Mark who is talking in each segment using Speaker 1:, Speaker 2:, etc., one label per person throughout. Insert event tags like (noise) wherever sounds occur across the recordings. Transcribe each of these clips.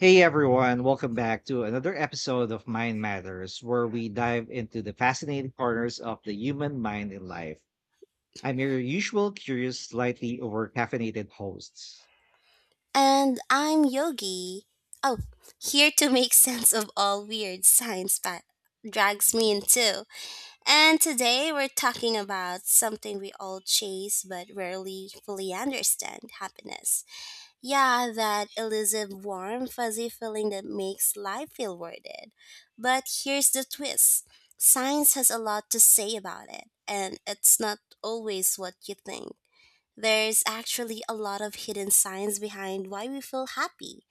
Speaker 1: Hey everyone, welcome back to another episode of Mind Matters, where we dive into the fascinating corners of the human mind and life. I'm your usual curious, slightly over caffeinated host.
Speaker 2: And I'm Yogi. Oh, here to make (laughs) sense of all weird drags me into. And today we're talking about something we all chase but rarely fully understand happiness. Yeah, that elusive, warm, fuzzy feeling that makes life feel worth it. But here's the twist, science has a lot to say about it, and it's not always what you think. There's actually a lot of hidden science behind why we feel happy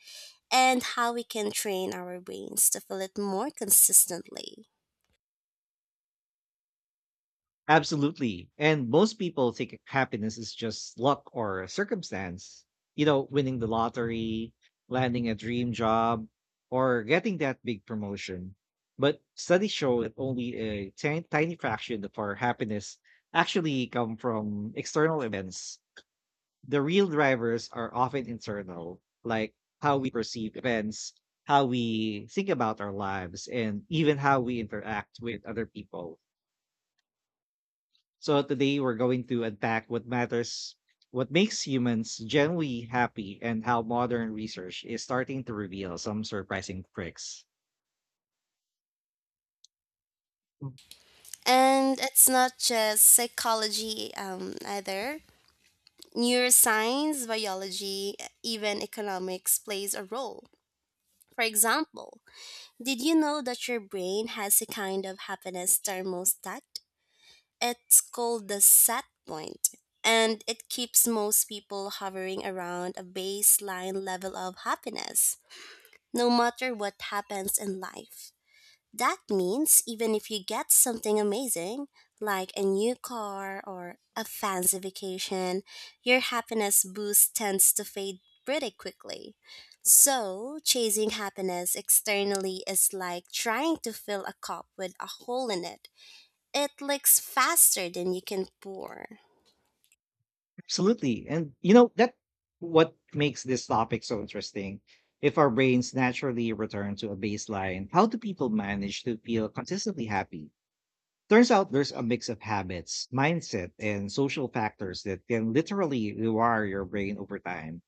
Speaker 2: and how we can train our brains to feel it more consistently.
Speaker 1: Absolutely. And most people think happiness is just luck or circumstance. You know, winning the lottery, landing a dream job, or getting that big promotion. But studies show that only a tiny fraction of our happiness actually come from external events. The real drivers are often internal, like how we perceive events, how we think about our lives, and even how we interact with other people. So today we're going to unpack what matters, what makes humans genuinely happy, and how modern research is starting to reveal some surprising tricks.
Speaker 2: And it's not just psychology either. Neuroscience, biology, even economics plays a role. For example, did you know that your brain has a kind of happiness thermostat? It's called the set point, and it keeps most people hovering around a baseline level of happiness, no matter what happens in life. That means even if you get something amazing, like a new car or a fancy vacation, your happiness boost tends to fade pretty quickly. So, chasing happiness externally is like trying to fill a cup with a hole in it, it leaks faster than you can pour.
Speaker 1: Absolutely. And you know, that what makes this topic so interesting. If our brains naturally return to a baseline, how do people manage to feel consistently happy? Turns out there's a mix of habits, mindset, and social factors that can literally rewire your brain over time.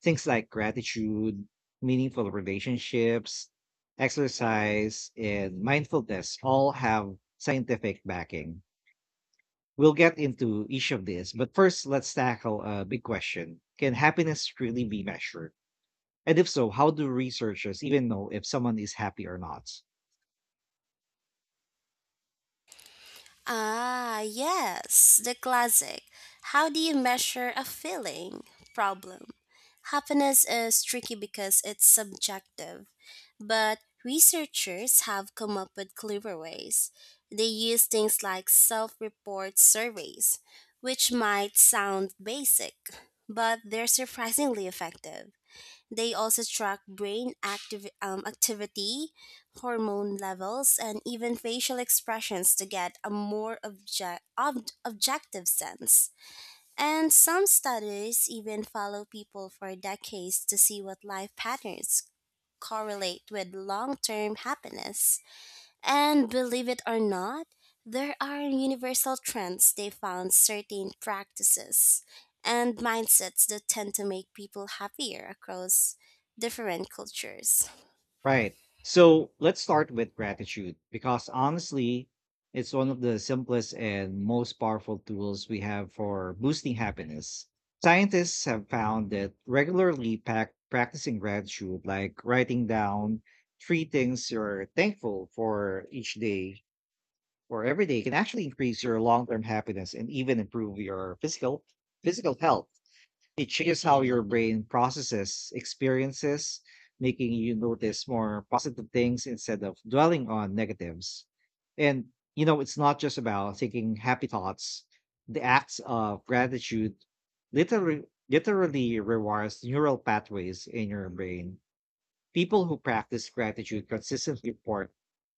Speaker 1: Things like gratitude, meaningful relationships, exercise, and mindfulness all have scientific backing. We'll get into each of these, but first, let's tackle a big question. Can happiness really be measured? And if so, how do researchers even know if someone is happy or not?
Speaker 2: Ah, yes, the classic. How do you measure a feeling? Problem. Happiness is tricky because it's subjective, but researchers have come up with clever ways. They use things like self report surveys, which might sound basic, but they're surprisingly effective. They also track brain activity, hormone levels, and even facial expressions to get a more objective sense. And some studies even follow people for decades to see what life patterns correlate with long term happiness. And believe it or not, there are universal trends, they found certain practices and mindsets that tend to make people happier across different cultures.
Speaker 1: Right. So let's start with gratitude because honestly, it's one of the simplest and most powerful tools we have for boosting happiness. Scientists have found that regularly practicing gratitude, like writing down three things you're thankful for each day or every day, can actually increase your long term happiness and even improve your physical health. It changes how your brain processes experiences, making you notice more positive things instead of dwelling on negatives. And, you know, it's not just about thinking happy thoughts. The acts of gratitude literally, literally rewires neural pathways in your brain. People who practice gratitude consistently report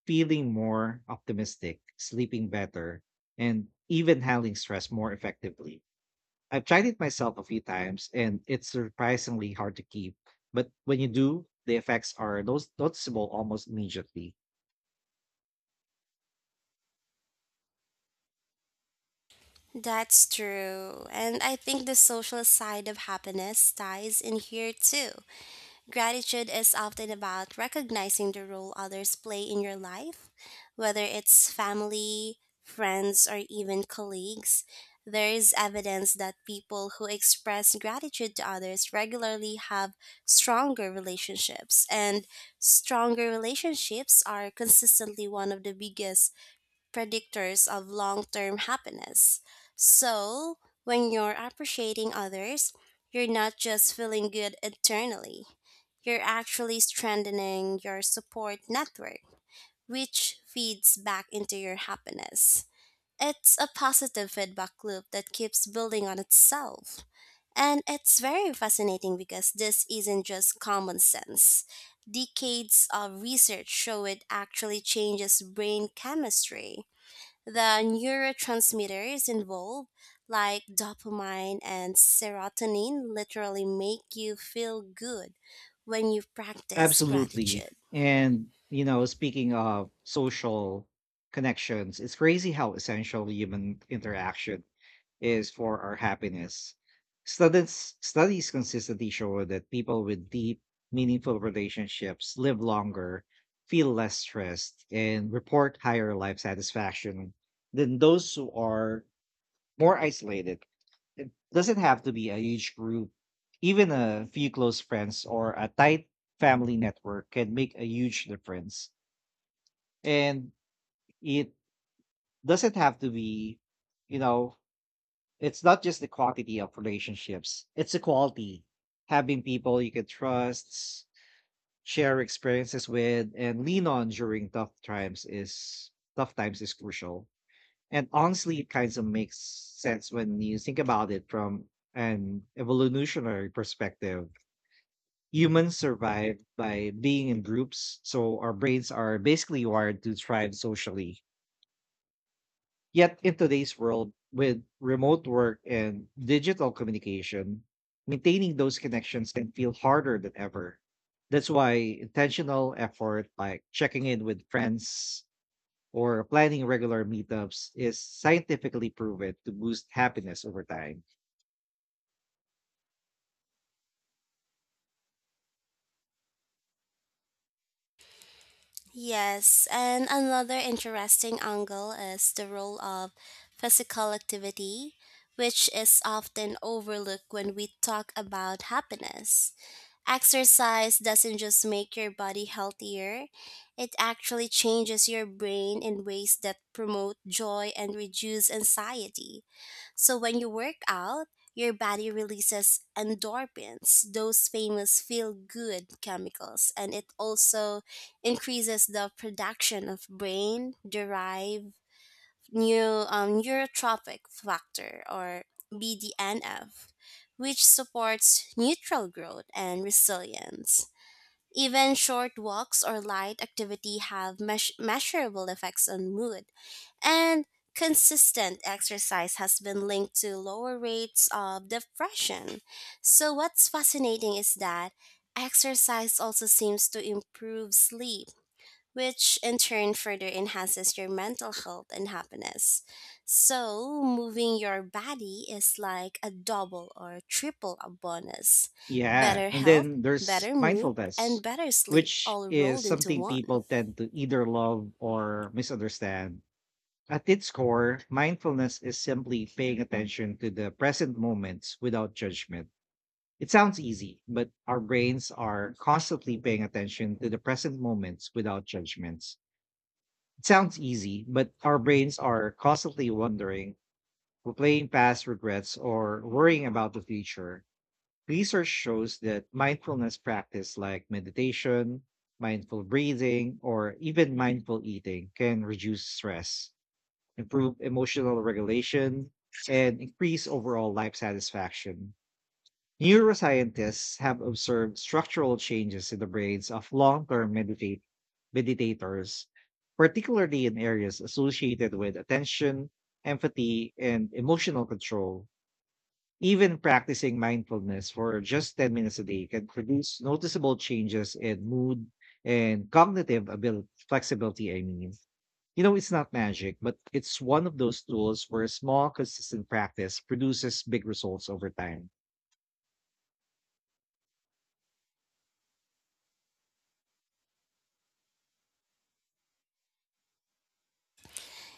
Speaker 1: feeling more optimistic, sleeping better, and even handling stress more effectively. I've tried it myself a few times and it's surprisingly hard to keep. But when you do, the effects are those noticeable almost immediately.
Speaker 2: That's true. And I think the social side of happiness ties in here too. Gratitude is often about recognizing the role others play in your life, whether it's family, friends, or even colleagues. There is evidence that people who express gratitude to others regularly have stronger relationships, and stronger relationships are consistently one of the biggest predictors of long term happiness. So, when you're appreciating others, you're not just feeling good internally, you're actually strengthening your support network, which feeds back into your happiness. It's a positive feedback loop that keeps building on itself. And it's very fascinating because this isn't just common sense. Decades of research show it actually changes brain chemistry, the neurotransmitters involved, like dopamine and serotonin, literally make you feel good when you practice
Speaker 1: Absolutely.
Speaker 2: gratitude.
Speaker 1: And you know, speaking of social connections, it's crazy how essential human interaction is for our happiness. Studies consistently show that people with deep, meaningful relationships live longer, feel less stressed, and report higher life satisfaction than those who are more isolated. It doesn't have to be a huge group. Even a few close friends or a tight family network can make a huge difference. And it doesn't have to be, you know, It's not just the quantity of relationships, it's the quality. Having people you can trust, share experiences with, and lean on during tough times is crucial. And honestly, it kind of makes sense when you think about it from an evolutionary perspective. Humans survive by being in groups, so our brains are basically wired to thrive socially. Yet in today's world, with remote work and digital communication, maintaining those connections can feel harder than ever. That's why intentional effort like checking in with friends or planning regular meetups is scientifically proven to boost happiness over time.
Speaker 2: Yes, and another interesting angle is the role of physical activity, which is often overlooked when we talk about happiness. Exercise doesn't just make your body healthier, it actually changes your brain in ways that promote joy and reduce anxiety. So when you work out, your body releases endorphins, those famous feel good chemicals, and it also increases the production of brain derived neurotropic factor, or BDNF, which supports neutral growth and resilience. Even short walks or light activity have measurable effects on mood, and consistent exercise has been linked to lower rates of depression. So, what's fascinating is that exercise also seems to improve sleep, which in turn further enhances your mental health and happiness. So, moving your body is like a double or triple a bonus.
Speaker 1: Yeah.
Speaker 2: Better
Speaker 1: And
Speaker 2: health,
Speaker 1: then there's
Speaker 2: better mood, and
Speaker 1: mindfulness,
Speaker 2: better sleep
Speaker 1: which
Speaker 2: all
Speaker 1: is
Speaker 2: rolled into
Speaker 1: something
Speaker 2: one.
Speaker 1: people tend to either love or misunderstand. At its core, mindfulness is simply paying attention to the present moments without judgment. It sounds easy, but our brains are constantly paying attention to the present moments without judgments. It sounds easy, but our brains are constantly wondering, replaying past regrets, or worrying about the future. Research shows that mindfulness practice like meditation, mindful breathing, or even mindful eating can reduce stress, improve emotional regulation, and increase overall life satisfaction. Neuroscientists have observed structural changes in the brains of long term meditators, particularly in areas associated with attention, empathy, and emotional control. Even practicing mindfulness for just 10 minutes a day can produce noticeable changes in mood and cognitive ability, flexibility. It's not magic, but it's one of those tools where small, consistent practice produces big results over time.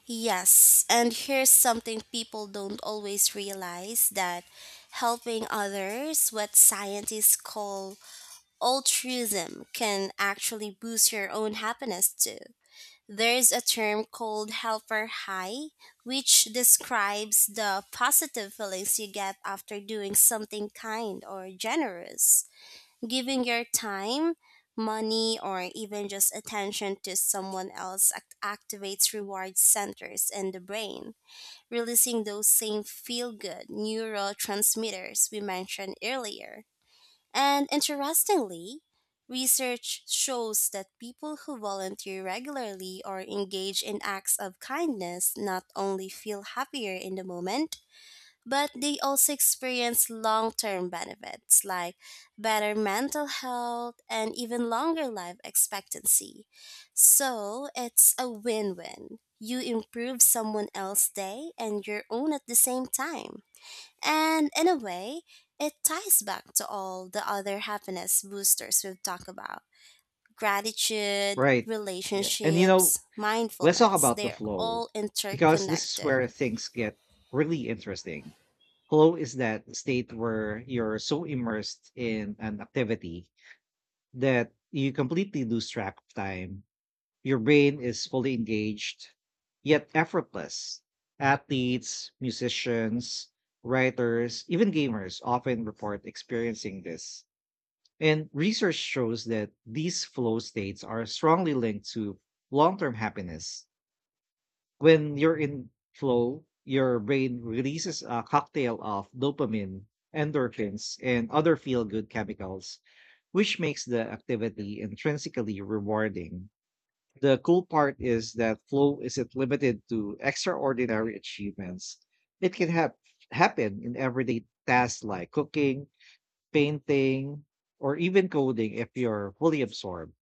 Speaker 2: Yes, and here's something people don't always realize, that helping others, what scientists call altruism, can actually boost your own happiness too. There is a term called helper high, which describes the positive feelings you get after doing something kind or generous. Giving your time, money, or even just attention to someone else activates reward centers in the brain, releasing those same feel good neurotransmitters we mentioned earlier. And interestingly, research shows that people who volunteer regularly or engage in acts of kindness not only feel happier in the moment, but they also experience long term benefits like better mental health and even longer life expectancy. So it's a win win. You improve someone else's day and your own at the same time. And in a way, it ties back to all the other happiness boosters we've talked about, gratitude,
Speaker 1: Right. Yeah. And, you know,
Speaker 2: relationships,
Speaker 1: let's talk
Speaker 2: mindfulness.
Speaker 1: about the
Speaker 2: They're
Speaker 1: flow
Speaker 2: all
Speaker 1: because this is where
Speaker 2: interconnected.
Speaker 1: things get really interesting. Flow is that state where you're so immersed in an activity that you completely lose track of time. Your brain is fully engaged, yet effortless. Athletes, musicians, writers, even gamers often report experiencing this. And research shows that these flow states are strongly linked to long term happiness. When you're in flow, your brain releases a cocktail of dopamine, endorphins, and other feel good chemicals, which makes the activity intrinsically rewarding. The cool part is that flow isn't limited to extraordinary achievements. It can happen in everyday tasks like cooking, painting, or even coding if you're fully absorbed.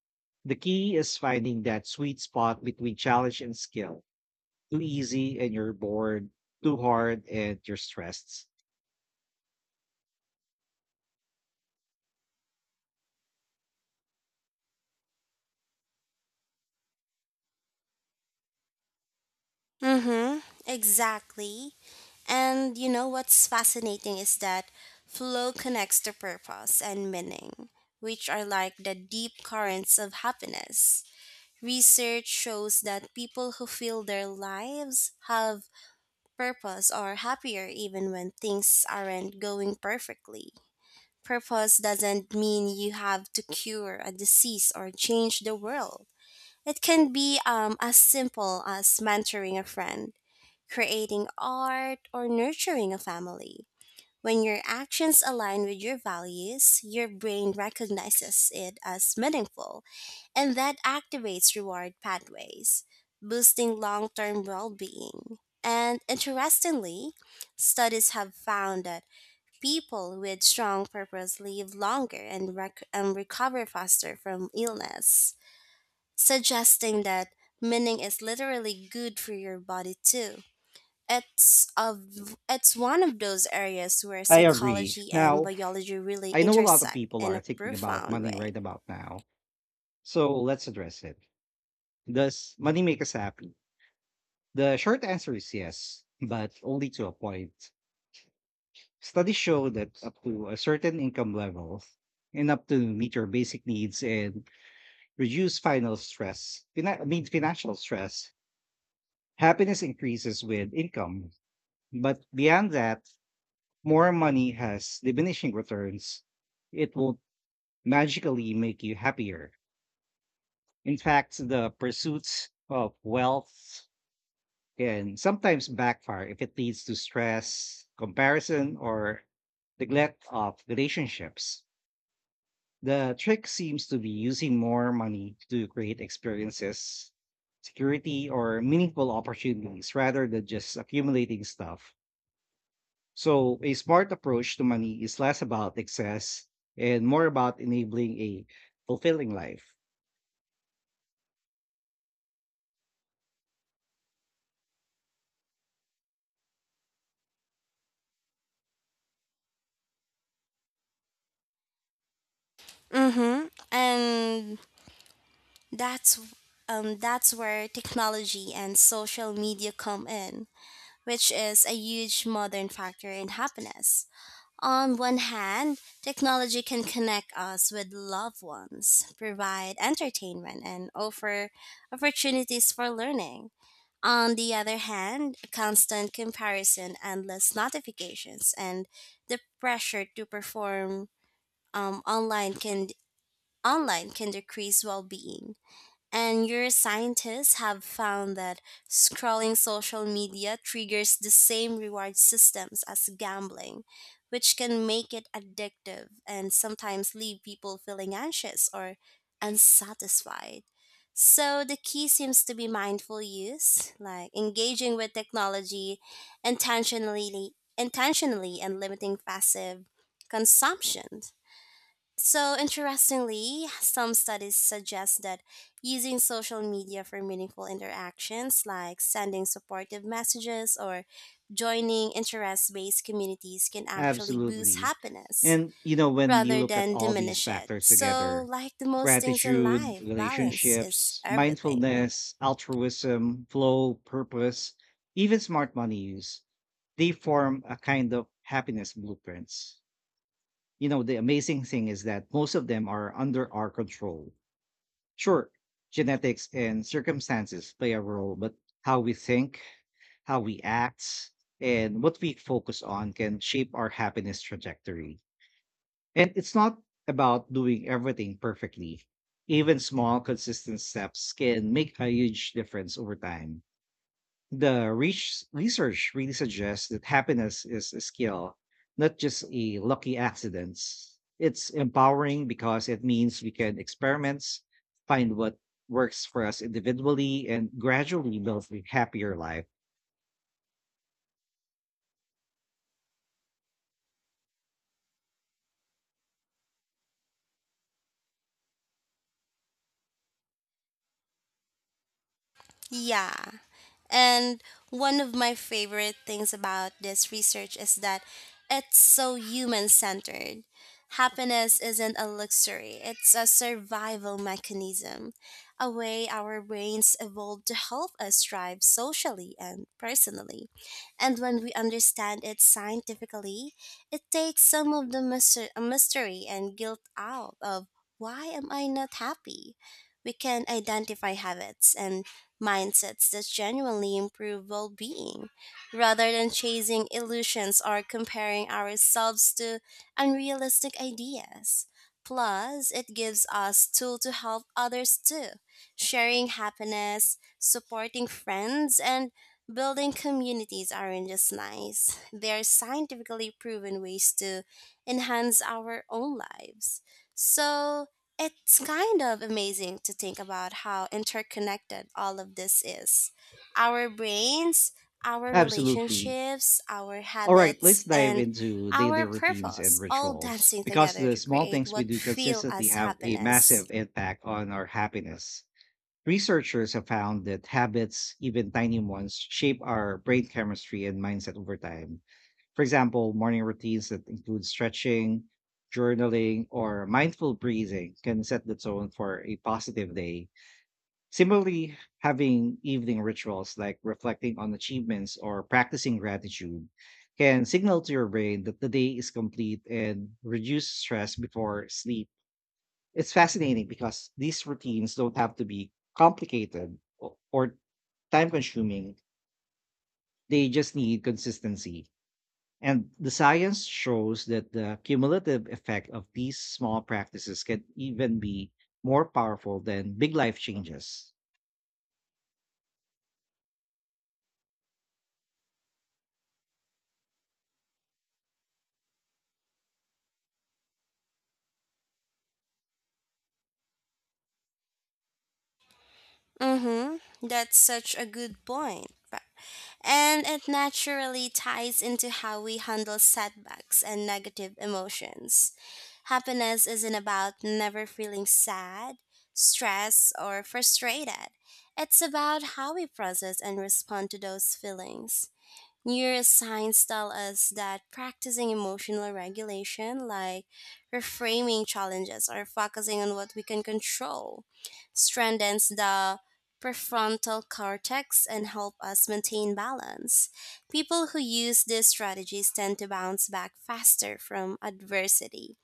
Speaker 1: The key is finding that sweet spot between challenge and skill. Too easy and you're bored, too hard and you're stressed.
Speaker 2: Mm hmm, exactly. And you know what's fascinating is that flow connects to purpose and meaning, which are like the deep currents of happiness. Research shows that people who feel their lives have purpose are happier even when things aren't going perfectly. Purpose doesn't mean you have to cure a disease or change the world. It can be as simple as mentoring a friend, creating art, or nurturing a family. When your actions align with your values, your brain recognizes it as meaningful, and that activates reward pathways, boosting long term well being. And interestingly, studies have found that people with strong purpose live longer and, and recover faster from illness, suggesting that meaning is literally good for your body too, it's of it's one of those areas where
Speaker 1: I agree.
Speaker 2: psychology and
Speaker 1: Now,
Speaker 2: biology really
Speaker 1: I know a lot of
Speaker 2: intersect
Speaker 1: people
Speaker 2: in
Speaker 1: are
Speaker 2: a
Speaker 1: thinking about
Speaker 2: profound
Speaker 1: money
Speaker 2: way.
Speaker 1: right about now. So let's address it. Does money make us happy? The short answer is yes, but only to a point. Studies show that up to a certain income level, enough to meet your basic needs and reduce final stress, financial stress, happiness increases with income. But beyond that, more money has diminishing returns, it won't magically make you happier. In fact, the pursuits of wealth can sometimes backfire if it leads to stress, comparison, or neglect of relationships. The trick seems to be using more money to create experiences, security, or meaningful opportunities rather than just accumulating stuff. So, a smart approach to money is less about excess and more about enabling a fulfilling life.
Speaker 2: Mm-hmm. And that's that's where technology and social media come in, which is a huge modern factor in happiness. On one hand, technology can connect us with loved ones, provide entertainment, and offer opportunities for learning. On the other hand, constant comparison, endless notifications, and the pressure to perform online can decrease well-being. And your scientists have found that scrolling social media triggers the same reward systems as gambling, which can make it addictive and sometimes leave people feeling anxious or unsatisfied. So the key seems to be mindful use, like engaging with technology intentionally, intentionally and limiting passive consumption. So interestingly, some studies suggest that using social media for meaningful interactions like sending supportive messages or joining interest-based communities can actually boost
Speaker 1: Absolutely.
Speaker 2: happiness
Speaker 1: And, you know, when you
Speaker 2: rather
Speaker 1: look at
Speaker 2: than
Speaker 1: all these
Speaker 2: diminish it.
Speaker 1: factors
Speaker 2: So,
Speaker 1: together,
Speaker 2: like the most things in
Speaker 1: gratitude,
Speaker 2: life, balance is
Speaker 1: relationships,
Speaker 2: everything.
Speaker 1: mindfulness, altruism, flow, purpose, even smart money use, they form a kind of happiness blueprints. You know, the amazing thing is that most of them are under our control. Sure, genetics and circumstances play a role, but how we think, how we act, and what we focus on can shape our happiness trajectory. And it's not about doing everything perfectly. Even small, consistent steps can make a huge difference over time. Research really suggests that happiness is a skill, not just a lucky accident. It's empowering because it means we can experiment, find what works for us individually, and gradually build a happier life.
Speaker 2: Yeah. And one of my favorite things about this research is that it's so human centered. Happiness isn't a luxury, it's a survival mechanism, a way our brains evolved to help us thrive socially and personally. And when we understand it scientifically, it takes some of the mystery and guilt out of why am I not happy? We can identify habits and mindsets that genuinely improve well being, rather than chasing illusions or comparing ourselves to unrealistic ideas. Plus, it gives us tools to help others too, sharing happiness, supporting friends, and building communities aren't just nice. They're scientifically proven ways to enhance our own lives. So, it's kind of amazing to think about how interconnected all of this is. Our brains, our
Speaker 1: Absolutely.
Speaker 2: relationships, our
Speaker 1: All right,
Speaker 2: habits,
Speaker 1: let's dive
Speaker 2: and
Speaker 1: into
Speaker 2: our
Speaker 1: daily routines and
Speaker 2: purpose all
Speaker 1: rituals
Speaker 2: dancing
Speaker 1: because
Speaker 2: together
Speaker 1: the
Speaker 2: to
Speaker 1: small
Speaker 2: create
Speaker 1: things we
Speaker 2: what
Speaker 1: do
Speaker 2: feel
Speaker 1: consistently
Speaker 2: as
Speaker 1: have a
Speaker 2: happiness.
Speaker 1: massive impact on our happiness. Researchers have found that habits, even tiny ones, shape our brain chemistry and mindset over time. For example, morning routines that include stretching, journaling, or mindful breathing can set the tone for a positive day. Similarly, having evening rituals like reflecting on achievements or practicing gratitude can signal to your brain that the day is complete and reduce stress before sleep. It's fascinating because these routines don't have to be complicated or time consuming. They just need consistency. And the science shows that the cumulative effect of these small practices can even be more powerful than big life changes.
Speaker 2: Mhm. That's such a good point, and it naturally ties into how we handle setbacks and negative emotions. Happiness isn't about never feeling sad, stressed, or frustrated. It's about how we process and respond to those feelings. Neuroscience tell us that practicing emotional regulation, like reframing challenges or focusing on what we can control, strengthens the prefrontal cortex and help us maintain balance. People who use these strategies tend to bounce back faster from adversity,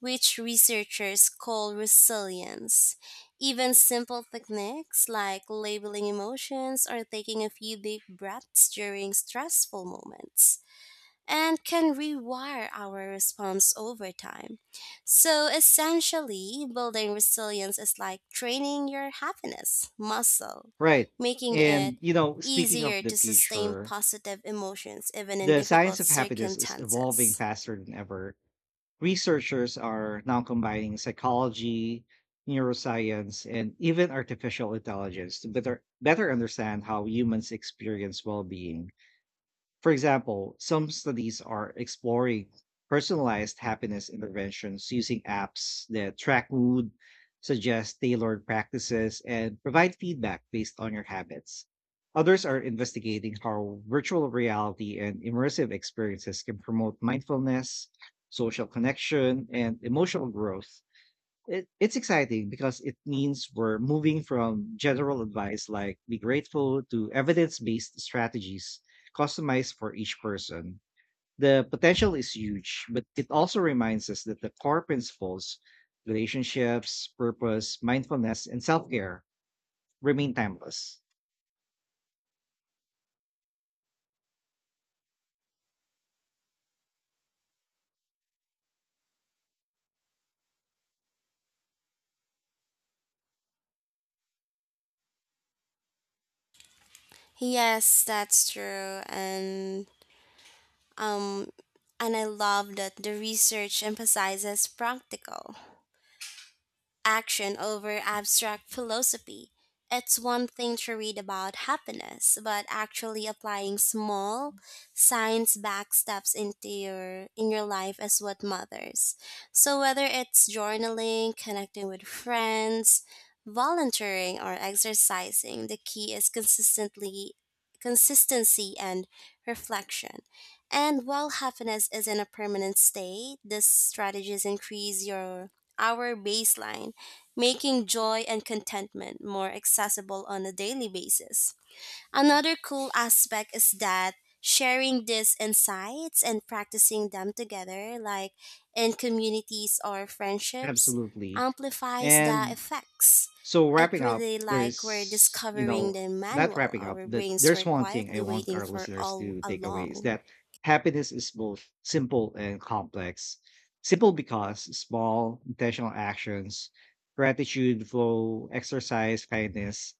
Speaker 2: which researchers call resilience. Even simple techniques like labeling emotions or taking a few deep breaths during stressful moments and can rewire our response over time. So essentially, building resilience is like training your happiness muscle,
Speaker 1: Right.
Speaker 2: making it
Speaker 1: And, you know, speaking of
Speaker 2: easier
Speaker 1: the
Speaker 2: to sustain
Speaker 1: future,
Speaker 2: positive emotions even in
Speaker 1: the science
Speaker 2: difficult
Speaker 1: of happiness is evolving
Speaker 2: circumstances.
Speaker 1: faster than ever. Researchers are now combining psychology, neuroscience, and even artificial intelligence to better understand how humans experience well-being. For example, some studies are exploring personalized happiness interventions using apps that track mood, suggest tailored practices, and provide feedback based on your habits. Others are investigating how virtual reality and immersive experiences can promote mindfulness, social connection, and emotional growth. It's exciting because it means we're moving from general advice like be grateful to evidence based strategies customized for each person. The potential is huge, but it also reminds us that the core principles, relationships, purpose, mindfulness, and self care, remain timeless.
Speaker 2: Yes, that's true. Um, and I love that the research emphasizes practical action over abstract philosophy. It's one thing to read about happiness, but actually applying small science-backed steps into your in your life is what matters. So whether it's journaling, connecting with friends, volunteering or exercising, the key is consistently consistency and reflection. And while happiness isn't a permanent state, these strategies increase your our baseline, making joy and contentment more accessible on a daily basis. Another cool aspect is that sharing these insights and practicing them together, like in communities or friendships,
Speaker 1: Absolutely.
Speaker 2: amplifies the
Speaker 1: And
Speaker 2: effects.
Speaker 1: So
Speaker 2: It
Speaker 1: wrapping up,
Speaker 2: really like we're
Speaker 1: there's you
Speaker 2: discovering
Speaker 1: know,
Speaker 2: the
Speaker 1: not
Speaker 2: manual
Speaker 1: wrapping up,
Speaker 2: our
Speaker 1: that
Speaker 2: brains
Speaker 1: there's
Speaker 2: were
Speaker 1: one thing I
Speaker 2: quietly
Speaker 1: want
Speaker 2: waiting
Speaker 1: our
Speaker 2: for
Speaker 1: listeners
Speaker 2: all
Speaker 1: to take away is
Speaker 2: along.
Speaker 1: that happiness is both simple and complex. Simple because small, intentional actions, gratitude, flow, exercise, kindness,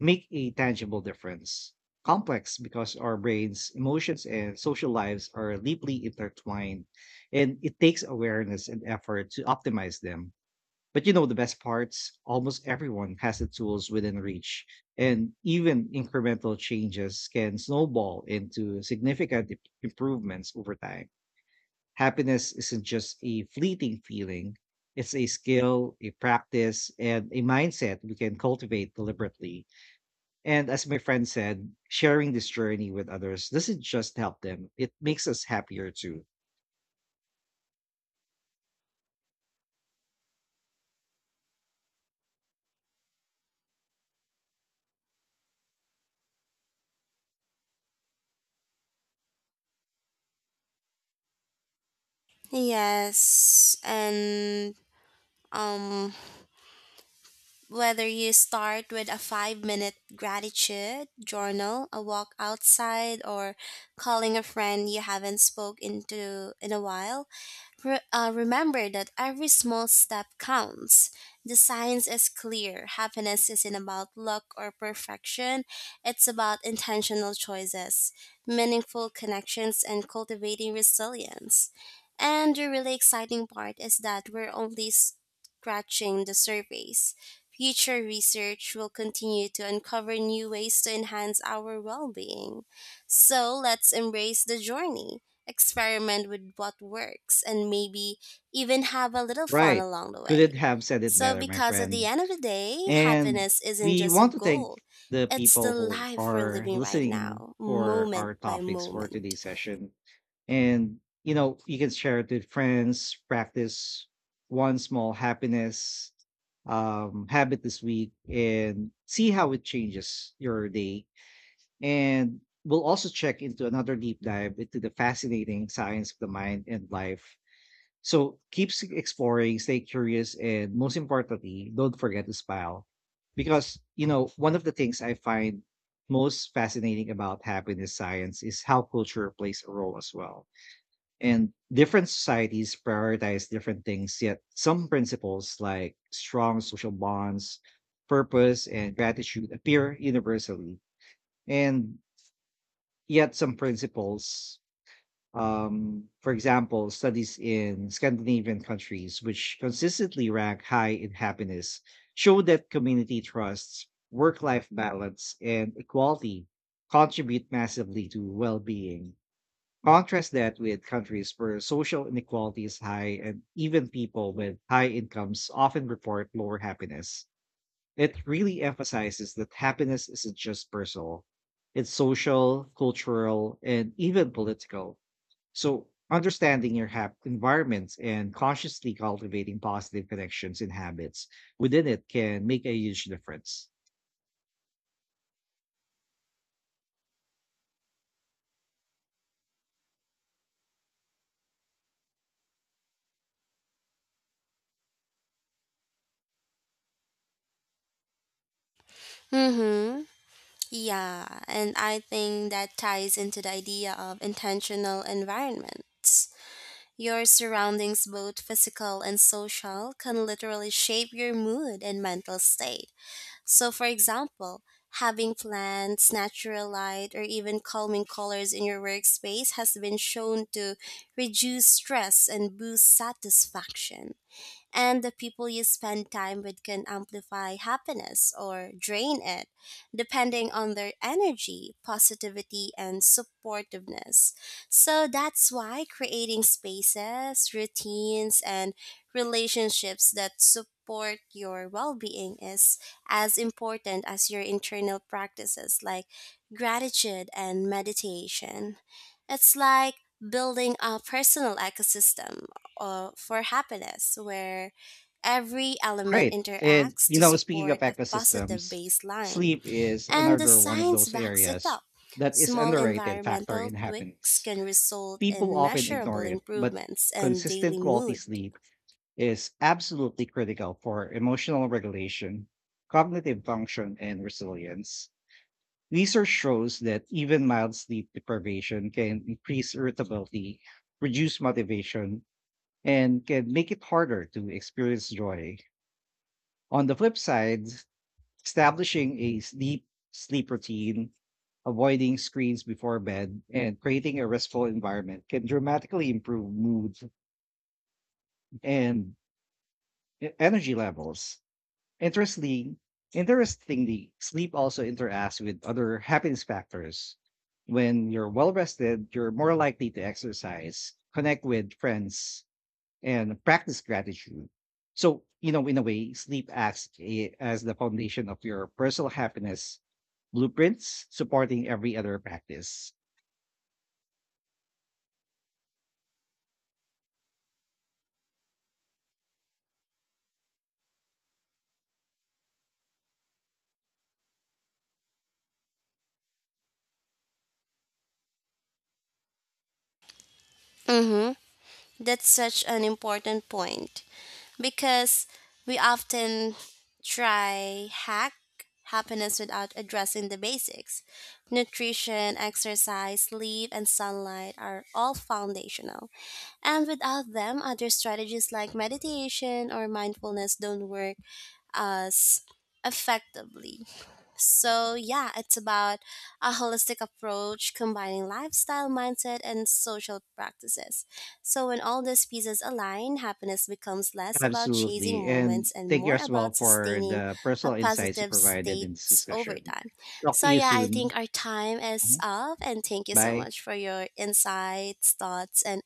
Speaker 1: make a tangible difference. Complex because our brains, emotions, and social lives are deeply intertwined, and it takes awareness and effort to optimize them. But you know the best parts? Almost everyone has the tools within reach, and even incremental changes can snowball into significant improvements over time. Happiness isn't just a fleeting feeling, it's a skill, a practice, and a mindset we can cultivate deliberately. And as my friend said, sharing this journey with others doesn't just help them, it makes us happier too.
Speaker 2: Yes, and um whether you start with a 5 minute gratitude journal, a walk outside, or calling a friend you haven't spoke into in a while, remember that every small step counts. The science is clear. Happiness isn't about luck or perfection, it's about intentional choices, meaningful connections, and cultivating resilience. And the really exciting part is that we're only scratching the surface. Future research will continue to uncover new ways to enhance our well being. So let's embrace the journey, experiment with what works, and maybe even have a little fun
Speaker 1: Right.
Speaker 2: along the way.
Speaker 1: Couldn't have said it
Speaker 2: So,
Speaker 1: better, my
Speaker 2: because at the
Speaker 1: friend.
Speaker 2: end of the day,
Speaker 1: And
Speaker 2: happiness isn't
Speaker 1: we
Speaker 2: just a
Speaker 1: want to
Speaker 2: goal,
Speaker 1: thank the
Speaker 2: it's the
Speaker 1: people who
Speaker 2: life we're
Speaker 1: are
Speaker 2: living right
Speaker 1: listening
Speaker 2: now,
Speaker 1: for
Speaker 2: moment
Speaker 1: our
Speaker 2: by
Speaker 1: topics for
Speaker 2: moment.
Speaker 1: today's session. And, you know, you can share it with friends, practice one small happiness habit this week and see how it changes your day. And we'll also check into another deep dive into the fascinating science of the mind and life. So exploring, stay curious, and most importantly, don't forget to smile. Because, you know, one of the things I find most fascinating about happiness science is how culture plays a role as well. And different societies prioritize different things, yet some principles like strong social bonds, purpose, and gratitude appear universally. And yet some principles for example, studies in Scandinavian countries, which consistently rank high in happiness, show that community trusts, work life balance, and equality contribute massively to well being. Contrast that with countries where social inequality is high and even people with high incomes often report lower happiness. It really emphasizes that happiness isn't just personal, it's social, cultural, and even political. So, understanding your environments and consciously cultivating positive connections and habits within it can make a huge difference.
Speaker 2: Mm-hmm. Yeah, and I think that ties into the idea of intentional environments. Your surroundings, both physical and social, can literally shape your mood and mental state. So, for example, having plants, natural light, or even calming colors in your workspace has been shown to reduce stress and boost satisfaction, and the people you spend time with can amplify happiness or drain it, depending on their energy, positivity, and supportiveness. So that's why creating spaces, routines, and relationships that support your well being is as important as your internal practices like gratitude and meditation. It's like building a personal ecosystem for happiness, where every element
Speaker 1: Right. And,
Speaker 2: interacts
Speaker 1: you
Speaker 2: to
Speaker 1: know, speaking
Speaker 2: support
Speaker 1: of
Speaker 2: a positive
Speaker 1: ecosystems,
Speaker 2: baseline.
Speaker 1: sleep is
Speaker 2: And the
Speaker 1: another one of
Speaker 2: science
Speaker 1: those
Speaker 2: backs it
Speaker 1: areas
Speaker 2: up.
Speaker 1: that is
Speaker 2: Small
Speaker 1: underrated factor
Speaker 2: environmental
Speaker 1: in
Speaker 2: tweaks
Speaker 1: happiness.
Speaker 2: can result
Speaker 1: People
Speaker 2: in
Speaker 1: often
Speaker 2: measurable
Speaker 1: ignore it, but
Speaker 2: improvements in daily
Speaker 1: consistent quality
Speaker 2: mood.
Speaker 1: sleep is absolutely critical for emotional regulation, cognitive function, and resilience. Research shows that even mild sleep deprivation can increase irritability, reduce motivation, and can make it harder to experience joy. On the flip side, establishing a sleep routine, avoiding screens before bed, and creating a restful environment can dramatically improve mood and energy levels. Interesting, Interestingly, sleep also interacts with other happiness factors. When you're well rested, you're more likely to exercise, connect with friends, and practice gratitude. So, you know, in a way, sleep acts as the foundation of your personal happiness blueprints, supporting every other practice.
Speaker 2: Mm-hmm. That's such an important point, because we often try hack happiness without addressing the basics. Nutrition, exercise, sleep, and sunlight are all foundational. And without them, other strategies like meditation or mindfulness don't work as effectively. So, yeah, it's about a holistic approach combining lifestyle, mindset, and social practices. So, when all these pieces align, happiness becomes less about chasing
Speaker 1: Absolutely. And
Speaker 2: moments and
Speaker 1: thank you
Speaker 2: more
Speaker 1: as well
Speaker 2: about
Speaker 1: for
Speaker 2: sustaining
Speaker 1: the
Speaker 2: a
Speaker 1: personal insights you
Speaker 2: positive
Speaker 1: provided
Speaker 2: state
Speaker 1: in this
Speaker 2: over
Speaker 1: discussion.
Speaker 2: time.
Speaker 1: Talk to
Speaker 2: So,
Speaker 1: you
Speaker 2: yeah, I
Speaker 1: soon.
Speaker 2: think our time is
Speaker 1: Mhm.
Speaker 2: up, and thank you so
Speaker 1: Bye.
Speaker 2: much for your insights, thoughts, and